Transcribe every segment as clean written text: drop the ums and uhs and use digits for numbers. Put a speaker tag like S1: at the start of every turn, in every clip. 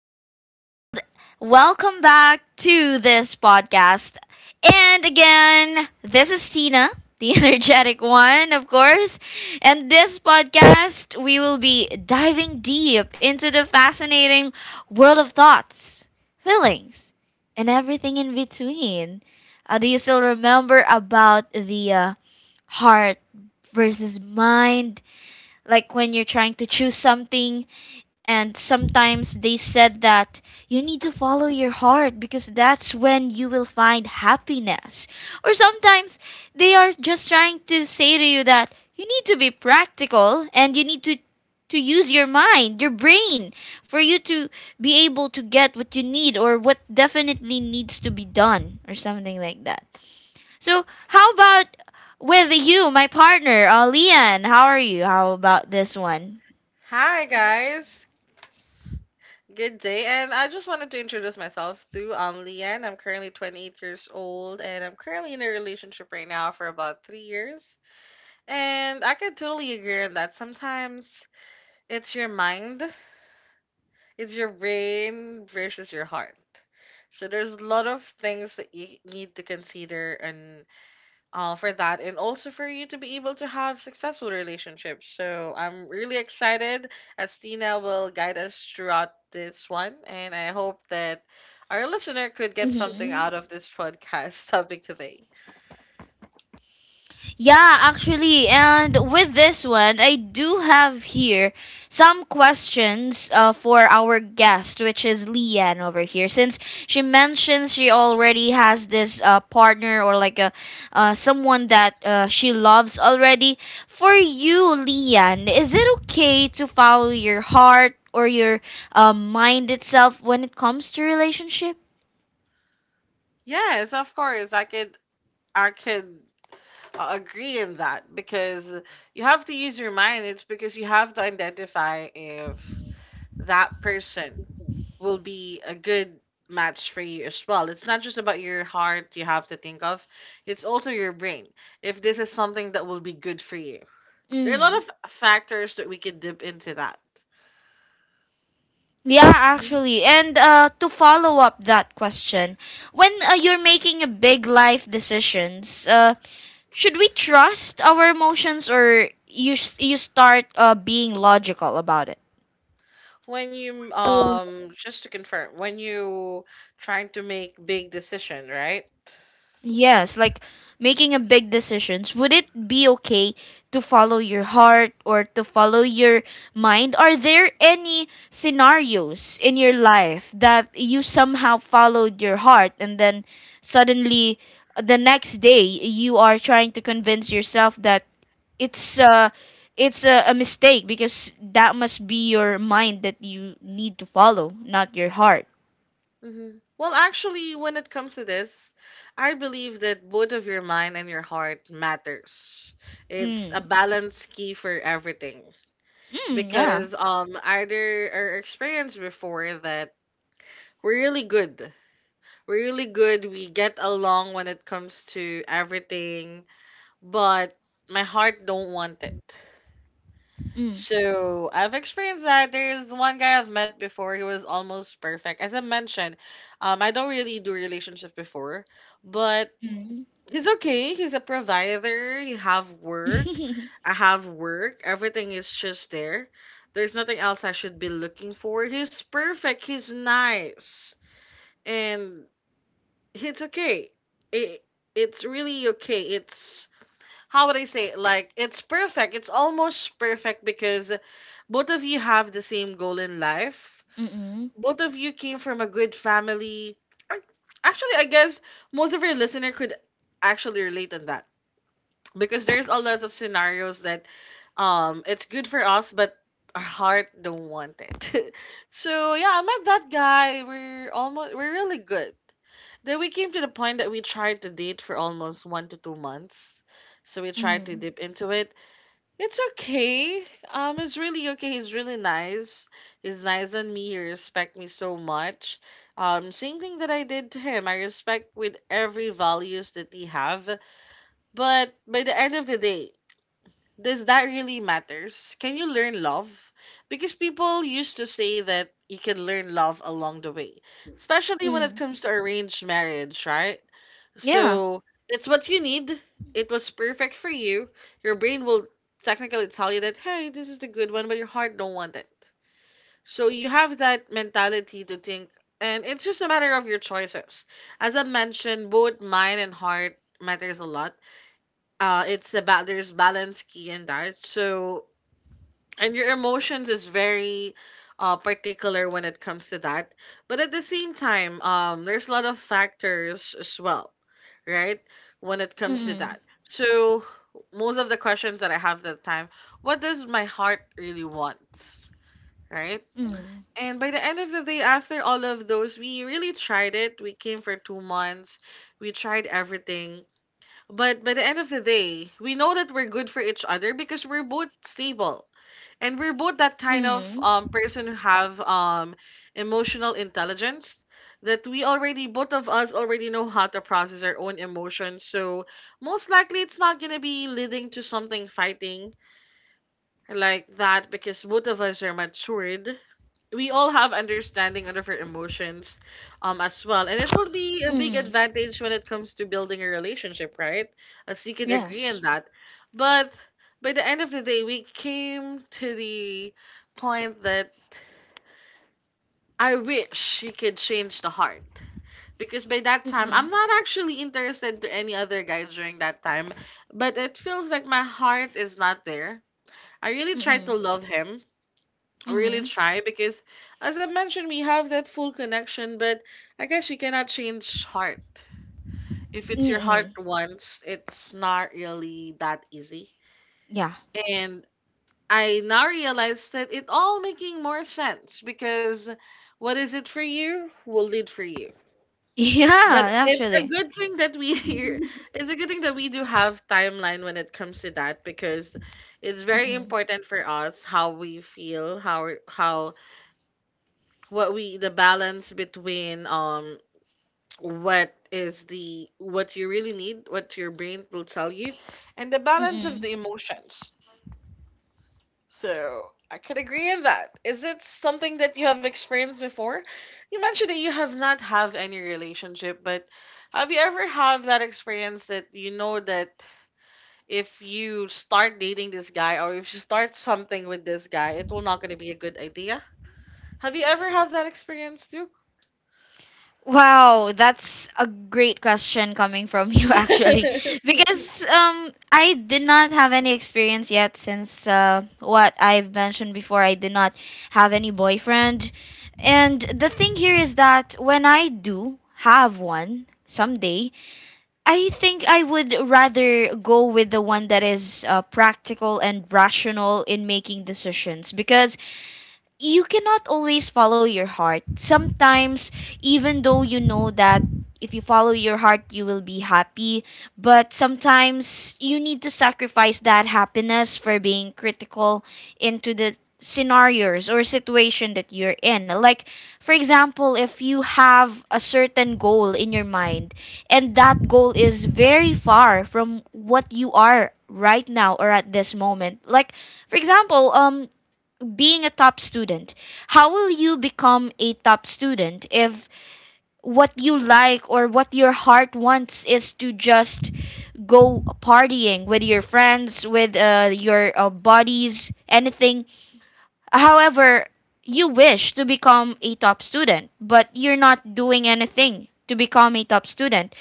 S1: world. Welcome back to this podcast. And again, this is Tina, the energetic one, of course. And this podcast, we will be diving deep into the fascinating world of thoughts, feelings, and everything in between. Do you still remember about the heart versus mind? Like when you're trying to choose something and sometimes they said that you need to follow your heart because that's when you will find happiness. Or sometimes they are just trying to say to you that you need to be practical and you need to use your mind, your brain for you to be able to get what you need or what definitely needs to be done or something like that. So, how about with you, my partner, Lian? How are you? How about this one?
S2: Hi guys, good day, and I just wanted to introduce myself too. I'm Leanne. I'm currently 28 years old, and I'm currently in a relationship right now for about 3 years. And I can totally agree on that. Sometimes it's your mind, it's your brain versus your heart. So there's a lot of things that you need to consider for that, and also for you to be able to have successful relationships. So I'm really excited as Tina will guide us throughout this one. And I hope that our listener could get something
S1: Mhm.
S2: out of this podcast topic today.
S1: Yeah, actually, and with this one, I do have here some questions for our guest, which is Leanne over here. Since she mentions she already has this partner or like a someone that she loves already, for you, Leanne, is it okay to follow your heart or your mind itself when it comes to relationship?
S2: Yes, of course. I could agree in that, because you have to use your mind. It's because you have to identify if that person will be a good match for you as well. It's not just about your heart you have to think of, it's also your brain. If this is something that will be good for you, there are a lot
S1: Mm.
S2: of factors that we can dip into that.
S1: Yeah,
S2: Mhm.
S1: actually. And to follow up that question, when you're making a big life decisions, should we trust our emotions or you start being logical about it?
S2: When you just to confirm, when you trying to make big decision, right?
S1: Yes, like making a big decisions, would it be okay to follow your heart or to follow your mind? Are there any scenarios in your life that you somehow followed your heart and then suddenly the next day you are trying to convince yourself that it's uh it's a mistake because that must be your mind that you need to follow, not your heart.
S2: Well, actually, when it comes to this, I believe that both of your mind and your heart matters. It's a
S1: Mm.
S2: balance key for everything.
S1: Mm, yeah.
S2: Because either our experience before that, we're really good we're really good, we get along when it comes to everything, but my heart don't want it.
S1: Mm.
S2: So I've experienced that there's one guy I've met before. He was almost perfect. As I mentioned, I don't really do relationship before, but he's okay. He's a provider. You have work.
S1: Mm.
S2: I have work. Everything is just there. There's nothing else I should be looking for. He's perfect. He's nice. And it's okay. It, it's really okay. It's, how would I say it? Like, it's perfect. It's almost perfect because both of you have the same goal in life.
S1: Mm,
S2: Both of you came from a good family. Ac- Actually, I guess most of your listener could actually relate on that, because there's a lot of scenarios that, it's good for us but our heart don't want it. So yeah, I met that guy. We're almost, we're really good. Then we came to the point that we tried to date for almost 1 to 2 months. So we tried to
S1: mm,
S2: dip into it. It's okay. It's really okay. He's really nice. He's nice on me. He respect me so much. Same thing that I did to him. I respect with every values that he have. But by the end of the day, does that really matters? Can you learn love? Because people used to say that you can learn love along the way, especially when it
S1: mm.
S2: comes to arranged marriage, right?
S1: Yeah.
S2: So it's what you need. It was perfect for you. Your brain will technically tell you that, hey, this is the good one, but your heart don't want it. So you have that mentality to think, and it's just a matter of your choices. As I mentioned, both mind and heart matters a lot. It's about, there's balance key in that. So, and your emotions is very particular when it comes to that, but at the same time, there's a lot of factors as well, right, when it comes to
S1: Mm,
S2: that. So most of the questions that I have that time, what does my heart really want, right?
S1: mm,
S2: And by the end of the day, after all of those, we really tried it. We came for 2 months. We tried everything. But by the end of the day, we know that we're good for each other, because we're both stable. And we're both that kind of
S1: mm,
S2: person who have emotional intelligence, that we already, both of us already know how to process our own emotions. So most likely it's not going to be leading to something fighting like that, because both of us are matured. We all have understanding of our emotions as well, and it will be a big
S1: mm.
S2: advantage when it comes to building a relationship, right? As we could agree on
S1: Yes.
S2: that. But by the end of the day, we came to the point that, I wish you could change the heart, because by that time
S1: Mm,
S2: I'm not actually interested to any other guy during that time. But it feels like my heart is not there. I really tried to
S1: mm,
S2: love him.
S1: mm,
S2: Really
S1: mm,
S2: try, because as I mentioned, we have that full connection, but I guess you cannot change heart. If it's your heart
S1: mm.
S2: once, it's not really that easy.
S1: Yeah.
S2: And I now realize that it all making more sense, because what is it for you will lead for you. But
S1: Yeah,
S2: it's a
S1: actually.
S2: good thing that we here, it's a good thing that we do have timeline when it comes to that, because it's very
S1: Mm,
S2: important for us how we feel, how, what we, the balance between what is the, what you really need, what your brain will tell you, and the
S1: mm,
S2: balance of
S1: mm,
S2: the emotions. So I could agree on that. Is it something that you have experienced before? You mentioned that you have not have any relationship, but have you ever have that experience that you know that if you start dating this guy, or if you start something with this guy, it will not going to be a good idea? Have you ever have that experience too?
S1: Wow, that's a great question coming from you actually. Because I did not have any experience yet since what I've mentioned before, I did not have any boyfriend. And the thing here is that when I do have one someday, I think I would rather go with the one that is practical and rational in making decisions because you cannot always follow your heart. Sometimes, even though you know that if you follow your heart, you will be happy, but sometimes you need to sacrifice that happiness for being critical into the scenarios or situation that you're in. Like, for example, if you have a certain goal in your mind and that goal is very far from what you are right now or at this moment, like, for example, being a top student. How will you become a top student if what you like or what your heart wants is to just go partying with your friends, with your buddies, anything? However, you wish to become a top student, but you're not doing anything to become a top student.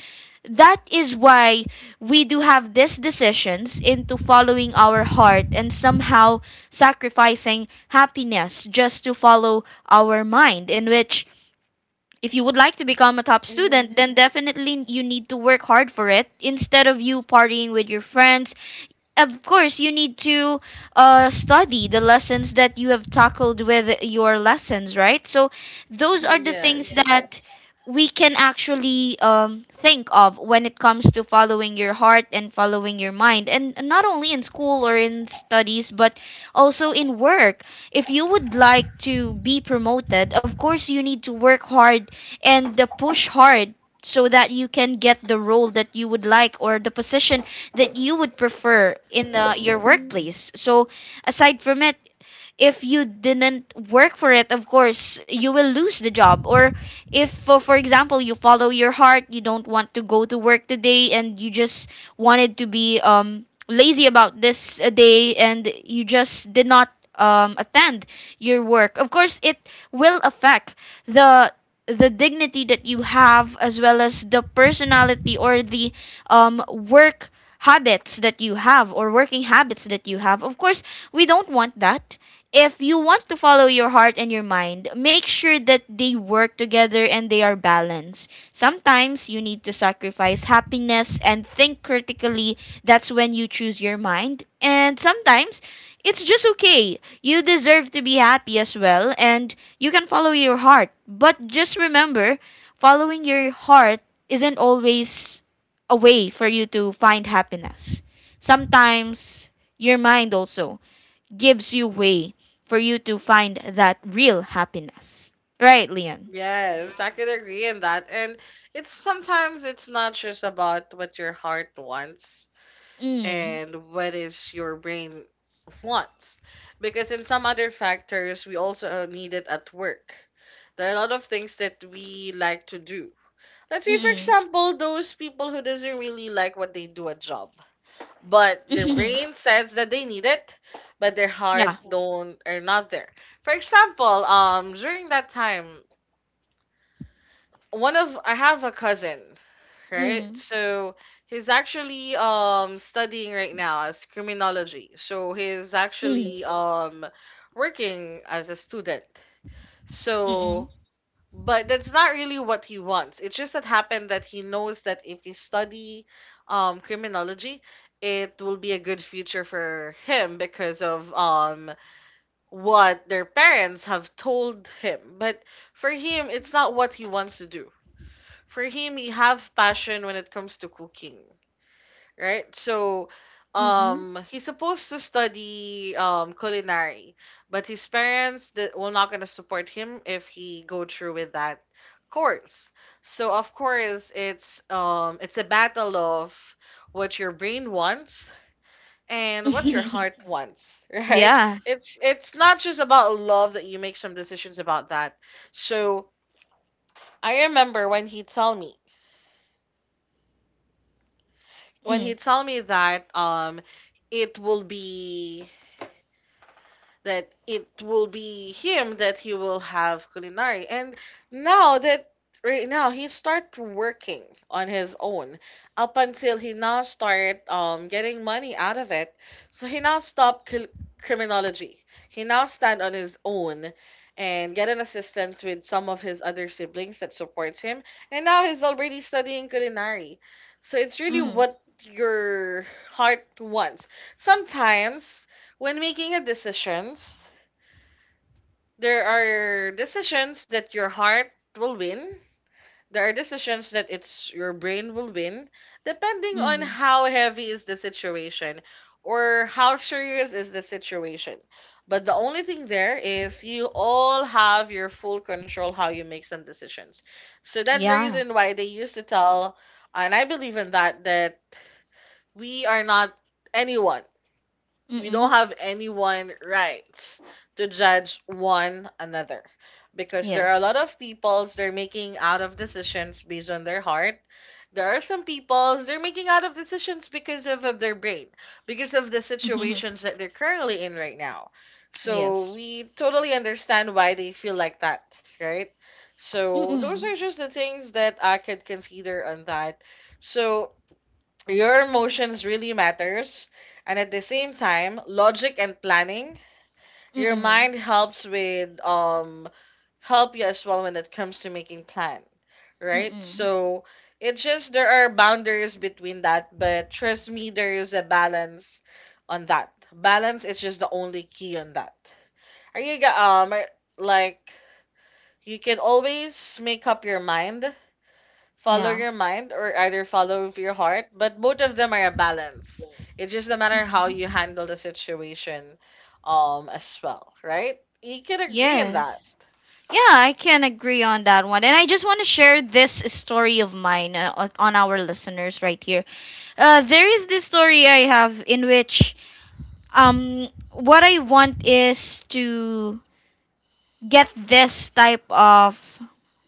S1: That is why we do have these decisions into following our heart and somehow sacrificing happiness just to follow our mind, in which, if you would like to become a top
S2: Mhm.
S1: student, then definitely you need to work hard for it instead of you partying with your friends. Of course you need to study the lessons that you have tackled with your lessons, right? So those are the things
S2: Yes,
S1: that we can actually think of when it comes to following your heart and following your mind, and not only in school or in studies, but also in work. If you would like to be promoted, of course you need to work hard and push hard so that you can get the role that you would like or the position that you would prefer in the your workplace. So aside from it, if you didn't work for it, of course you will lose the job. Or if for example, you follow your heart, you don't want to go to work today, and you just wanted to be lazy about this day, and you just did not attend your work, of course it will affect the the dignity that you have, as well as the personality or the work habits that you have, or working habits that you have. Of course we don't want that. If you want to follow your heart and your mind, make sure that they work together and they are balanced. Sometimes you need to sacrifice happiness and think critically. That's when you choose your mind. And sometimes it's just okay. You deserve to be happy as well, and you can follow your heart. But just remember, following your heart isn't always a way for you to find happiness. Sometimes your mind also gives you way for you to find that real happiness. Right, Leon?
S2: yes, I could agree in that. And it's sometimes it's not just about what your heart wants
S1: Mm.
S2: and what is your brain wants. Because in some other factors, we also need it at work. There are a lot of things that we like to do. Let's say, for
S1: Mm.
S2: example, those people who doesn't really like what they do at job, but their
S1: Mm.
S2: brain says that they need it, but their heart
S1: yeah.
S2: don't, are not there. For example, during that time, one of I have a cousin, right?
S1: Mm.
S2: So he's actually studying right now as criminology. So he's
S1: Mm.
S2: actually working as a student.
S1: Mm.
S2: So, but that's not really what he wants. It just that happened that he knows that if he study criminology, it will be a good future for him, because of what their parents have told him. But for him, it's not what he wants to do. For him, he have passion when it comes to cooking, right? So
S1: Mm.
S2: he's supposed to study culinary, but his parents that were not going to support him if he go through with that course. So of course it's a battle of what your brain wants and what your
S1: Mm.
S2: heart wants. Right?
S1: yeah.
S2: It's not just about love that you make some decisions about that. So I remember when he tell me, when he
S1: Mm.
S2: tell me that it will be, that it will be him, that he will have culinary. And now that, right now, he start working on his own, up until he now start getting money out of it. So he now stopped criminology. He now stand on his own and get an assistance with some of his other siblings that supports him. And now he's already studying culinary. So it's really
S1: Mm.
S2: what your heart wants. Sometimes when making a decisions, there are decisions that your heart will win. There are decisions that it's your brain will win, depending on
S1: Mm.
S2: how heavy is the situation or how serious is the situation. But the only thing there is, you all have your full control how you make some decisions. So that's the
S1: Yeah.
S2: reason why they used to tell, and I believe in that, that we are not anyone. We don't
S1: Mm.
S2: have anyone rights to judge one another, because there are a
S1: Yes.
S2: lot of peoples they're making out of decisions based on their heart. There are some peoples they're making out of decisions because of their brain, because of the situations that they're currently in right now. So
S1: yes.
S2: we totally understand why they feel like that, right? So those are
S1: Mm.
S2: just the things that I could consider on that. So your emotions really matters, and at the same time, logic and planning. Your
S1: Mm.
S2: mind helps with help you as well when it comes to making plan, right?
S1: Mm.
S2: So it's just there are boundaries between that, but trust me, there is a balance on that. Balance is just the only key on that. Are you ga- are- Like, you can always make up your mind, follow
S1: Yeah.
S2: your mind or either follow your heart, but both of them are a balance. It's just a matter how you
S1: Mm.
S2: handle the situation, as well, right? You can agree in that.
S1: Yes. Yeah, I can agree on that one. And I just want to share this story of mine on our listeners right here. There is this story I have in which what I want is to get this type of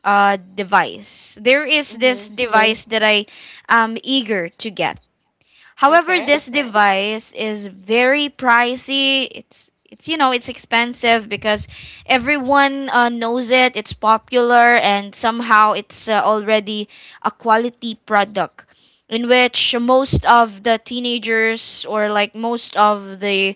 S1: device. There is this
S2: Mm-hmm.
S1: Okay. device that I am eager to get. However,
S2: Okay.
S1: this device is very pricey. It's you know it's expensive because everyone knows it. It's popular and somehow it's already a quality product in which most of the teenagers, or like most of the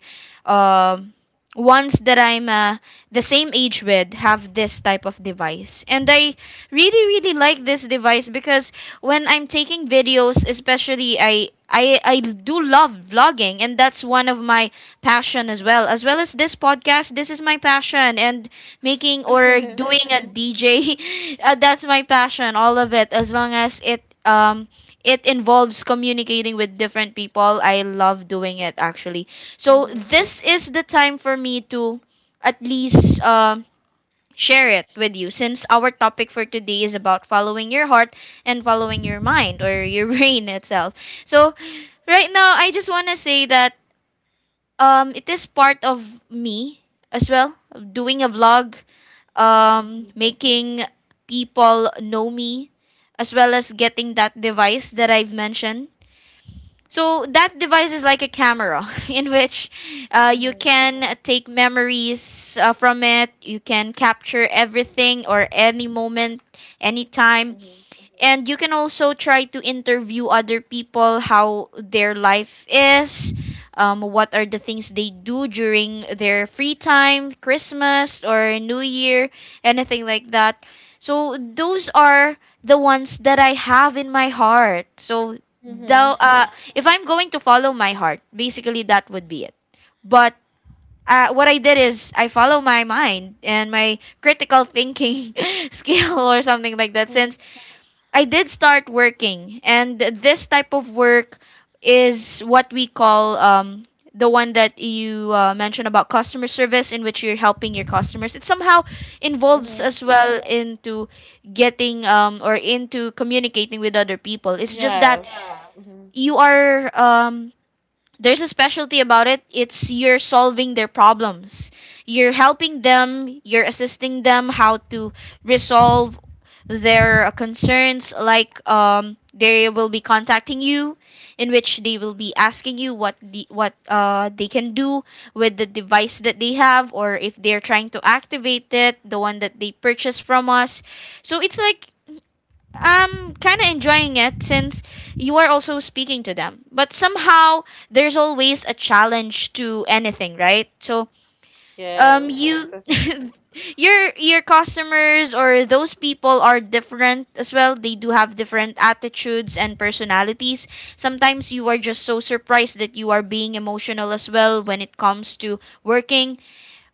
S1: um ones that I'm the same age with, have this type of device. And I really really like this device because when I'm taking videos, especially I do love vlogging, and that's one of my passion as well. As well as this podcast, this is my passion, and making or
S2: Mm-hmm.
S1: doing a DJ. That's my passion, all of it. As long as it it involves communicating with different people, I love doing it actually. So this is the time for me to at least share it with you, since our topic for today is about following your heart and following your mind or your brain itself. So right now I just want to say that it is part of me as well, doing a vlog,
S2: Mm-hmm.
S1: making people know me, as well as getting that device that I've mentioned. So that device is like a camera in which you
S2: Mm-hmm.
S1: can take memories from it. You can capture everything or any moment, anytime,
S2: Mm-hmm.
S1: and you can also try to interview other people how their life is, what are the things they do during their free time, Christmas or New Year, anything like that. So those are the ones that I have in my heart. So the,
S2: Mm-hmm.
S1: uh, if I'm going to follow my heart, basically that would be it. But what I did is I follow my mind and my critical thinking skill or something like that, since I did start working, and this type of work is what we call the one that you mentioned about customer service, in which you're helping your customers. It somehow involves
S2: Mm-hmm.
S1: as well into getting or into communicating with other people. It's just that
S2: Yes. Mm-hmm.
S1: you are um, there's a specialty about it. It's you're solving their problems. You're helping them, you're assisting them how to resolve their concerns. Like they will be contacting you, in which they will be asking you what they can do with the device that they have, or if they're trying to activate it, the one that they purchased from us. So it's like I'm kind of enjoying it since you are also speaking to them. But somehow there's always a challenge to anything, right? So,
S2: Yes.
S1: you your customers or those people are different as well. They do have different attitudes and personalities. Sometimes you are just so surprised that you are being emotional as well when it comes to working,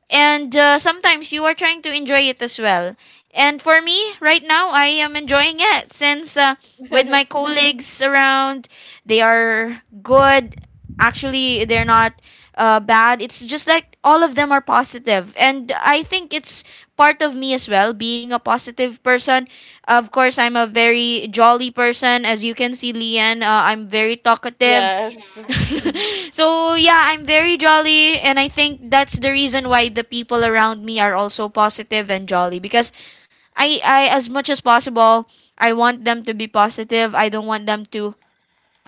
S1: and sometimes you are trying to enjoy it as well. And for me, right now, I am enjoying it since with my colleagues around, they are good. Actually, they're not bad. It's just like all of them are positive, positive, and I think it's part of me as well, being a positive person. Of course, I'm a very jolly person, as you can see, Lian. I'm very talkative
S2: Yes.
S1: so yeah, I'm very jolly, and I think that's the reason why the people around me are also positive and jolly, because I as much as possible I want them to be positive. I don't want them to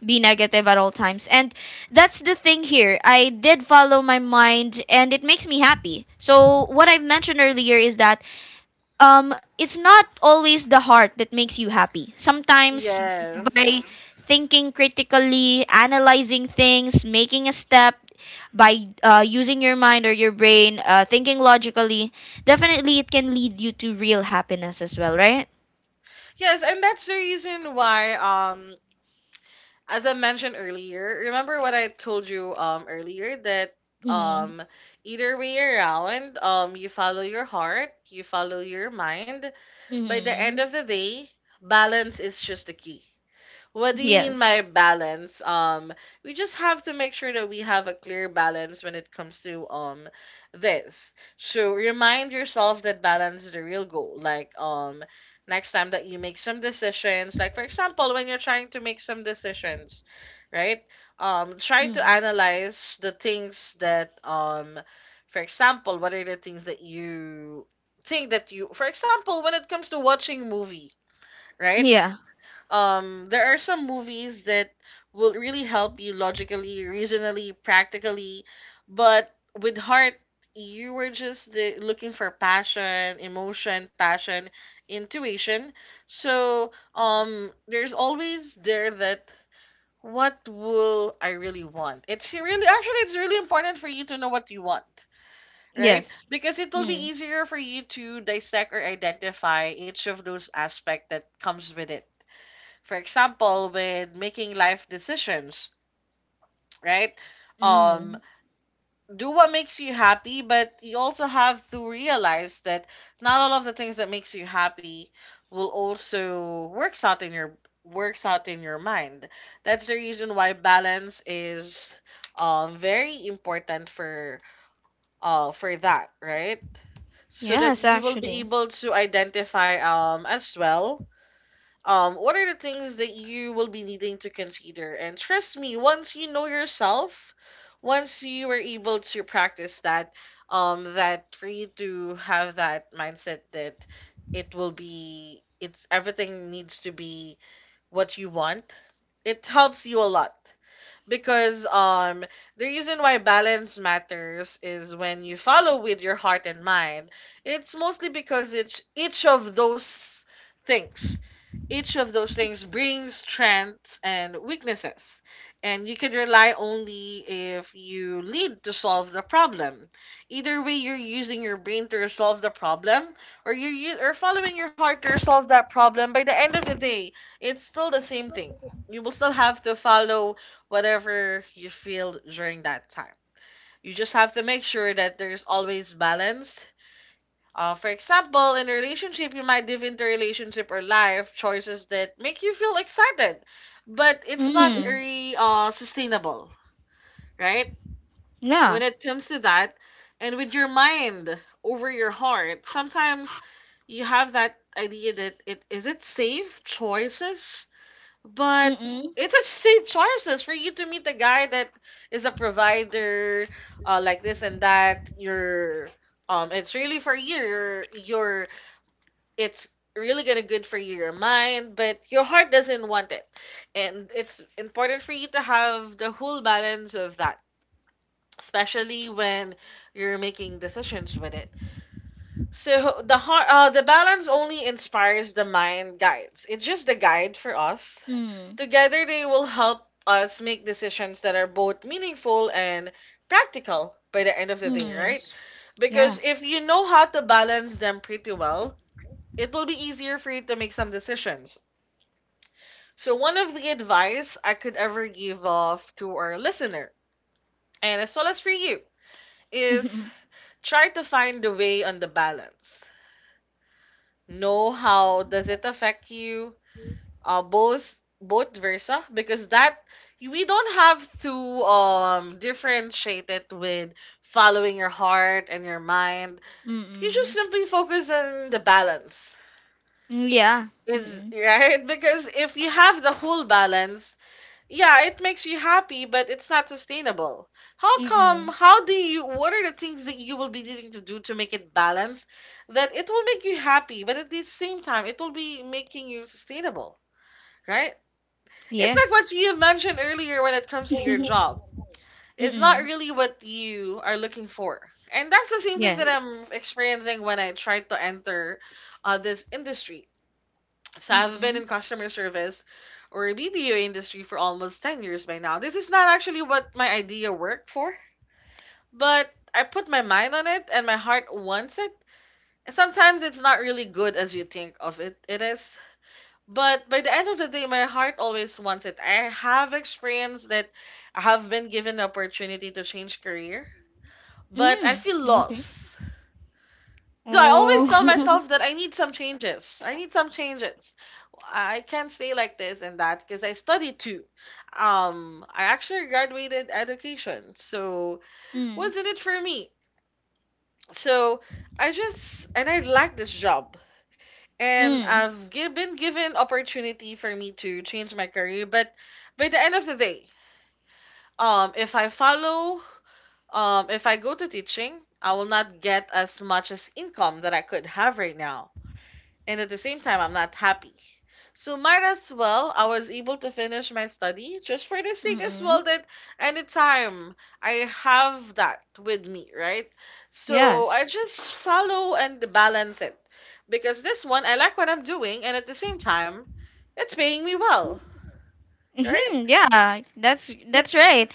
S1: be negative at all times. And that's the thing here. I did follow my mind and it makes me happy. So what I've mentioned earlier is that it's not always the heart that makes you happy. Sometimes by
S2: Yes.
S1: thinking critically, analyzing things, making a step by using your mind or your brain, thinking logically, definitely it can lead you to real happiness as well, right?
S2: Yes, and that's the reason why as I mentioned earlier, remember what I told you earlier that
S1: Mhm.
S2: um either way around, you follow your heart, you follow your mind. By the end
S1: Mhm.
S2: of the day, balance is just the key. What do you mean by
S1: Yes.
S2: balance? We just have to make sure that we have a clear balance when it comes to this. So remind yourself that balance is the real goal. Like next time that you make some decisions, like for example, when you're trying to make some decisions, right? Try to
S1: Mm.
S2: analyze the things that for example, what are the things that you think that you for example, when it comes to watching movie, right?
S1: Yeah.
S2: There are some movies that will really help you logically, reasonably, practically, but with heart you were just looking for passion, emotion, passion, intuition. So there's always there that what will I really want? It's really actually it's really important for you to know what you want. Right?
S1: Yes.
S2: Because it will be
S1: Mm.
S2: easier for you to dissect or identify each of those aspects that comes with it, for example, with making life decisions, right? Um,
S1: Mm.
S2: do what makes you happy, but you also have to realize that not all of the things that makes you happy will also works out in your works out in your mind. That's the reason why balance is very important for that, right? So that
S1: Yes,
S2: you will be
S1: actually.
S2: able to identify as well what are the things that you will be needing to consider? And trust me, once you know yourself, once you are able to practice that, that for you to have that mindset that it will be, it's everything needs to be what you want, it helps you a lot because the reason why balance matters is when you follow with your heart and mind, it's mostly because each of those things, each of those things brings strengths and weaknesses, and you can rely only if you lead to solve the problem. Either way, you're using your brain to resolve the problem or following your heart to resolve that problem. By the end of the day, it's still the same thing. You will still have to follow whatever you feel during that time. You just have to make sure that there's always balance. For example, in a relationship, you might dive into a relationship or life choices that make you feel excited, but it's not
S1: Mm.
S2: very sustainable, right?
S1: Yeah.
S2: When it comes to that, and with your mind over your heart, sometimes you have that idea that it is it safe choices, but
S1: Mm.
S2: it's a safe choices for you to meet a guy that is a provider, like this and that. You're, it's really for you. Your, it's really gonna good for your mind, but your heart doesn't want it, and it's important for you to have the whole balance of that, especially when you're making decisions with it. So the heart, the balance only inspires the mind, guides. It's just the guide for us.
S1: Mm.
S2: Together, they will help us make decisions that are both meaningful and practical by the end of the
S1: Mm.
S2: day, right?
S1: Yes. Yeah.
S2: Because if you know how to balance them pretty well, it will be easier for you to make some decisions. So, one of the advice I could ever give off to our listener, and as well as for you, is try to find the way on the balance. Know how does it affect you? Uh, both versa because that we don't have to differentiate it with following your heart and your mind. You just
S1: Mm.
S2: simply focus on the balance.
S1: Mm, yeah.
S2: Is
S1: Mm.
S2: right because if you have the whole balance, yeah, it makes you happy, but it's not sustainable. How come?
S1: Mm.
S2: How do you? What are the things that you will be needing to do to make it balanced? That it will make you happy, but at the same time, it will be making you sustainable, right? It's like what
S1: Yes.
S2: you have mentioned earlier when it comes to your job. It's not
S1: Mm.
S2: really what you are looking for. And that's the same thing that
S1: Yes.
S2: I'm experiencing when I tried to enter this industry. So I've been
S1: Mm.
S2: in customer service or BBO industry for almost 10 years by now. This is not actually what my idea worked for, but I put my mind on it and my heart wants it. And sometimes it's not really good as you think of it. It is. But by the end of the day, my heart always wants it. I have experienced that I have been given the opportunity to change career, but I
S1: Mm.
S2: feel
S1: Okay.
S2: lost. Though I always tell
S1: Oh.
S2: myself that I need some changes. I need some changes. I can't stay like this and that because I studied too. I actually graduated education, so
S1: Mm.
S2: wasn't it for me? So I just and I like this job. And
S1: Mm.
S2: been given opportunity for me to change my career. But by the end of the day, if I follow, if I go to teaching, I will not get as much as income that I could have right now and at the same time I'm not happy. So might as well I was able to finish my study just for the sake as well
S1: Mm.
S2: that anytime I have that with me, right? So I
S1: Yes.
S2: just follow and balance it. Because this one I like what I'm doing and at the same time it's paying me well. Right?
S1: Mm-hmm. Yeah. That's
S2: It's
S1: right.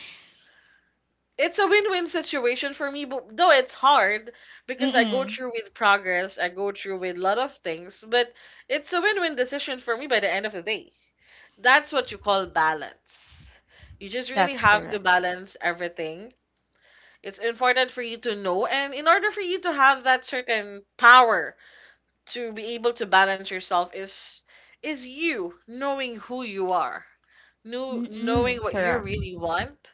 S2: it's a win-win situation for me, but though it's hard because I go
S1: Mm.
S2: through with progress, I go through with a lot of things, but it's a win-win decision for me by the end of the day. That's what you call balance. You just really
S1: That's
S2: have to
S1: correct.
S2: balance everything. It's important for you to know, and in order for you to have that certain power to be able to balance yourself is you knowing who you are, know, knowing
S1: Mm.
S2: what you
S1: Correct.
S2: really want,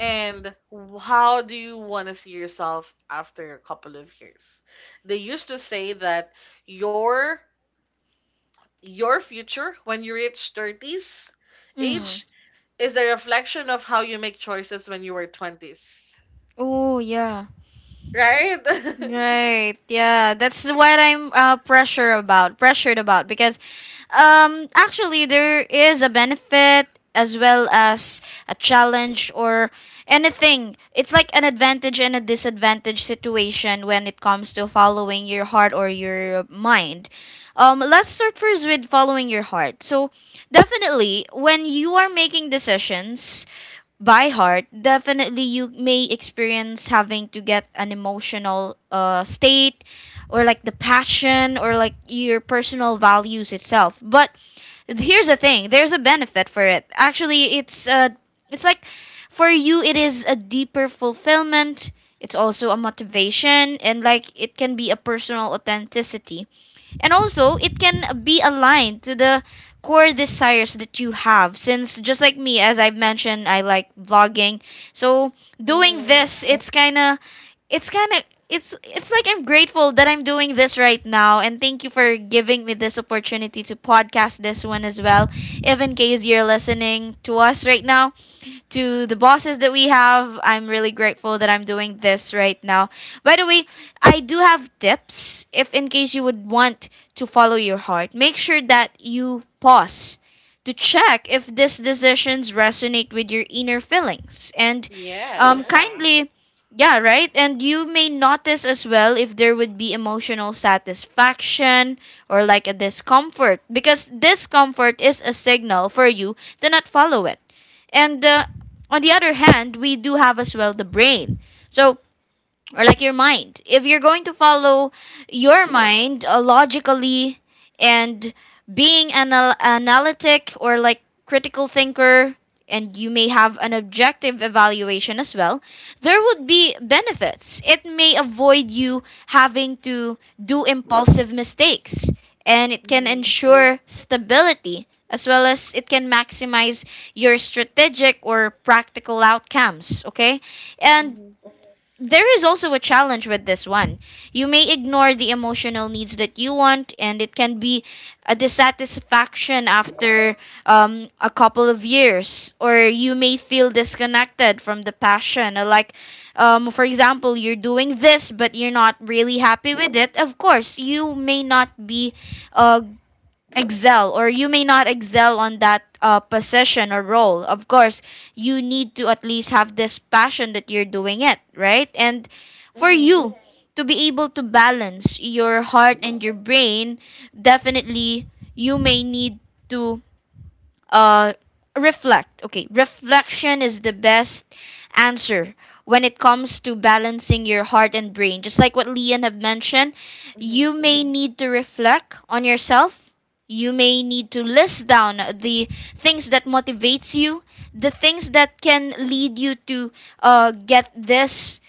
S2: and how do you want to see yourself after a couple of years. They used to say that your your future when you reach 30s
S1: Mm.
S2: age is a reflection of how you make choices when you were 20s.
S1: Oh yeah.
S2: Right?
S1: Right. Yeah. That's what I'm pressured about because actually, there is a benefit as well as a challenge or anything. It's like an advantage and a disadvantage situation when it comes to following your heart or your mind. Let's start first with following your heart. So, definitely, when you are making decisions, by heart, definitely you may experience having to get an emotional state or like the passion or like your personal values itself. But here's the thing, there's a benefit for it. Actually, it's like for you it is a deeper fulfillment. It's also a motivation and like it can be a personal authenticity and also, it can be aligned to the core desires that you have since just like me as I've mentioned, I like vlogging. So, doing
S2: Mm-hmm.
S1: this, it's kind of it's kind of it's like I'm grateful that I'm doing this right now and thank you for giving me this opportunity to podcast this one as well. If in case you're listening to us right now, to the bosses that we have. I'm really grateful that I'm doing this right now. By the way, I do have tips if in case you would want to follow your heart. Make sure that you pause to check if these decisions resonate with your inner feelings and
S2: Yes.
S1: kindly yeah right, and you may notice as well if there would be emotional satisfaction or like a discomfort because discomfort is a signal for you to not follow it. And on the other hand, we do have as well the brain. So or like your mind. If you're going to follow your mind logically and being analytic or like critical thinker, and you may have an objective evaluation as well, there would be benefits. It may avoid you having to do impulsive mistakes, and it can
S2: Mm-hmm.
S1: ensure stability as well as it can maximize your strategic or practical outcomes, okay? And
S2: Mm-hmm.
S1: there is also a challenge with this one. You may ignore the emotional needs that you want, and it can be a dissatisfaction after a couple of years, or you may feel disconnected from the passion. Like, for example, you're doing this, but you're not really happy with it. Of course, you may not be uh, excel or you may not excel on that position or role. Of course you need to at least have this passion that you're doing it right, and for
S2: Mm-hmm.
S1: you to be able to balance your heart and your brain, definitely you may need to uh reflect. Okay, reflection is the best answer when it comes to balancing your heart and brain, just like what Leon have mentioned.
S2: Mm-hmm.
S1: You may need to reflect on yourself, you may need to list down the things that motivates you, the things that can lead you to get this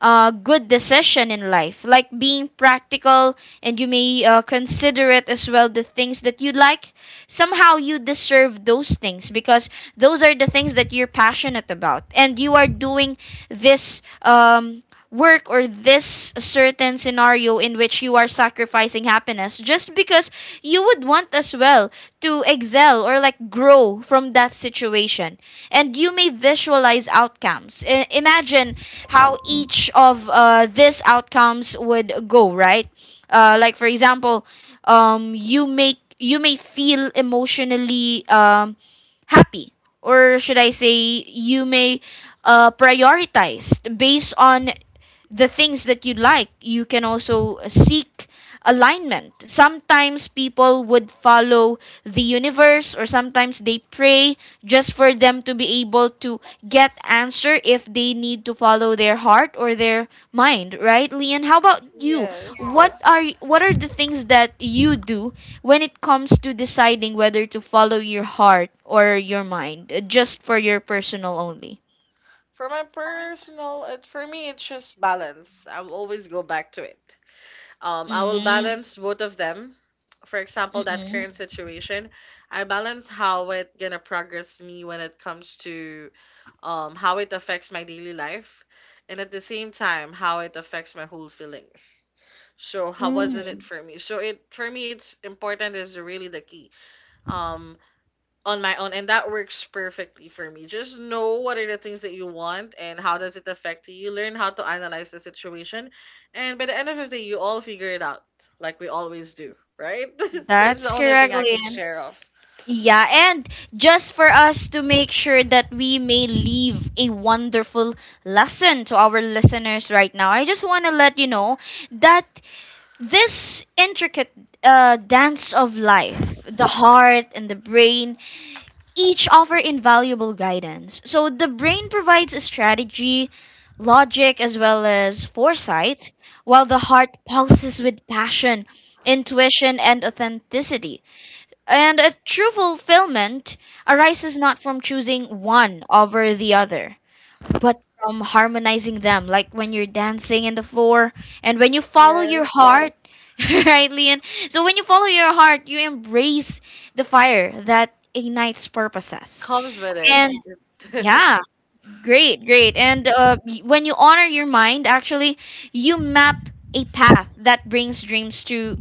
S1: good decision in life like being practical, and you may consider it as well the things that you like. Somehow you deserve those things because those are the things that you're passionate about, and you are doing this work or this certain scenario in which you are sacrificing happiness just because you would want as well to excel or like grow from that situation. And you may visualize outcomes. Imagine how each of these outcomes would go, right? Like for example, you make you may feel emotionally happy, or should I say you may prioritize based on the things that you like. You can also seek alignment. Sometimes people would follow the universe or sometimes they pray just for them to be able to get answer if they need to follow their heart or their mind, right? Leon, how about you?
S2: Yes.
S1: What are the things that you do when it comes to deciding whether to follow your heart or your mind, just for your personal only?
S2: For my personal, it, for me, it's just balance. I'll always go back to it. Um, I will
S1: Mm,
S2: balance both of them. For example, that
S1: mm-mm.
S2: current situation, I balance how it gonna progress me when it comes to how it affects my daily life, and at the same time, how it affects my whole feelings. So how wasn't it
S1: Mm.
S2: for me? So it for me, it's important is really the key. Um, on my own and that works perfectly for me just know what are the things that you want and how does it affect you, learn how to analyze the situation and by the end of the day you all figure it out like we always do, right? That's the
S1: That's
S2: only thing
S1: correct,
S2: I can
S1: Lian.
S2: share of.
S1: Yeah, and just for us to make sure that we may leave a wonderful lesson to our listeners right now, I just want to let you know that this intricate dance of life, the heart and the brain, each offer invaluable guidance. So the brain provides a strategy, logic, as well as foresight, while the heart pulses with passion, intuition, and authenticity. And a true fulfillment arises not from choosing one over the other, but from harmonizing them, like when you're dancing in the floor and when you follow your
S2: Yes,
S1: heart. Right, Leon? So when you follow your heart, you embrace the fire that ignites purposes.
S2: comes with
S1: And
S2: it.
S1: yeah, great, great. And when you honor your mind, actually, you map a path that brings dreams to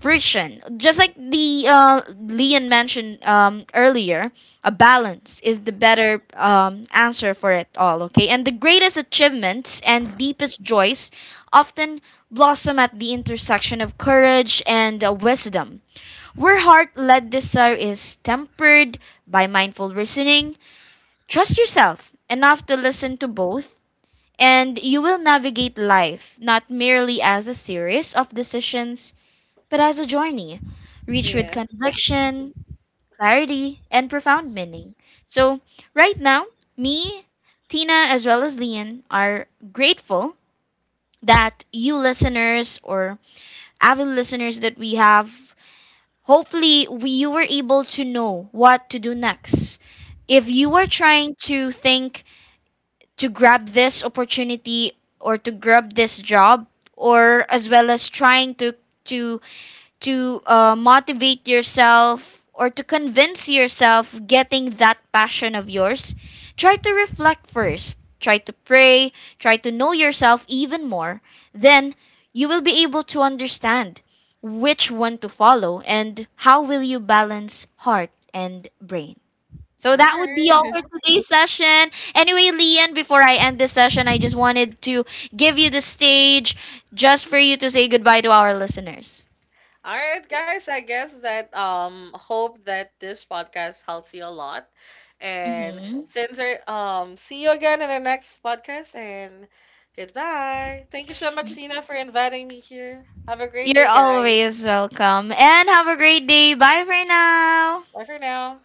S1: fruition. Just like the Leon mentioned earlier, a balance is the better answer for it all. Okay, and the greatest achievements and deepest joys often blossom at the intersection of courage and wisdom. Where heart-led desire is tempered by mindful reasoning, trust yourself enough to listen to both, and you will navigate life not merely as a series of decisions, but as a journey, rich with
S2: Yes.
S1: conviction, clarity, and profound meaning. So, right now, me, Tina, as well as Lian, are grateful that you listeners or avid listeners that we have, hopefully, you were able to know what to do next if you are trying to think to grab this opportunity or to grab this job, or as well as trying to to motivate yourself or to convince yourself getting that passion of yours. Try to reflect first, try to pray, try to know yourself even more, then you will be able to understand which one to follow and how will you balance heart and brain. So
S2: All
S1: that would be all
S2: right.
S1: for today's session. Anyway, Lian, before I end this session, I just wanted to give you the stage just for you to say goodbye to our listeners.
S2: All right, guys. I guess that hope that this podcast helps you a lot. And
S1: Mm-hmm.
S2: since see you again in the next podcast and goodbye. Thank you so much, Tina, for inviting me here. Have a great
S1: You're
S2: day, guys.
S1: always welcome and have a great day. Bye for now.
S2: Bye for now.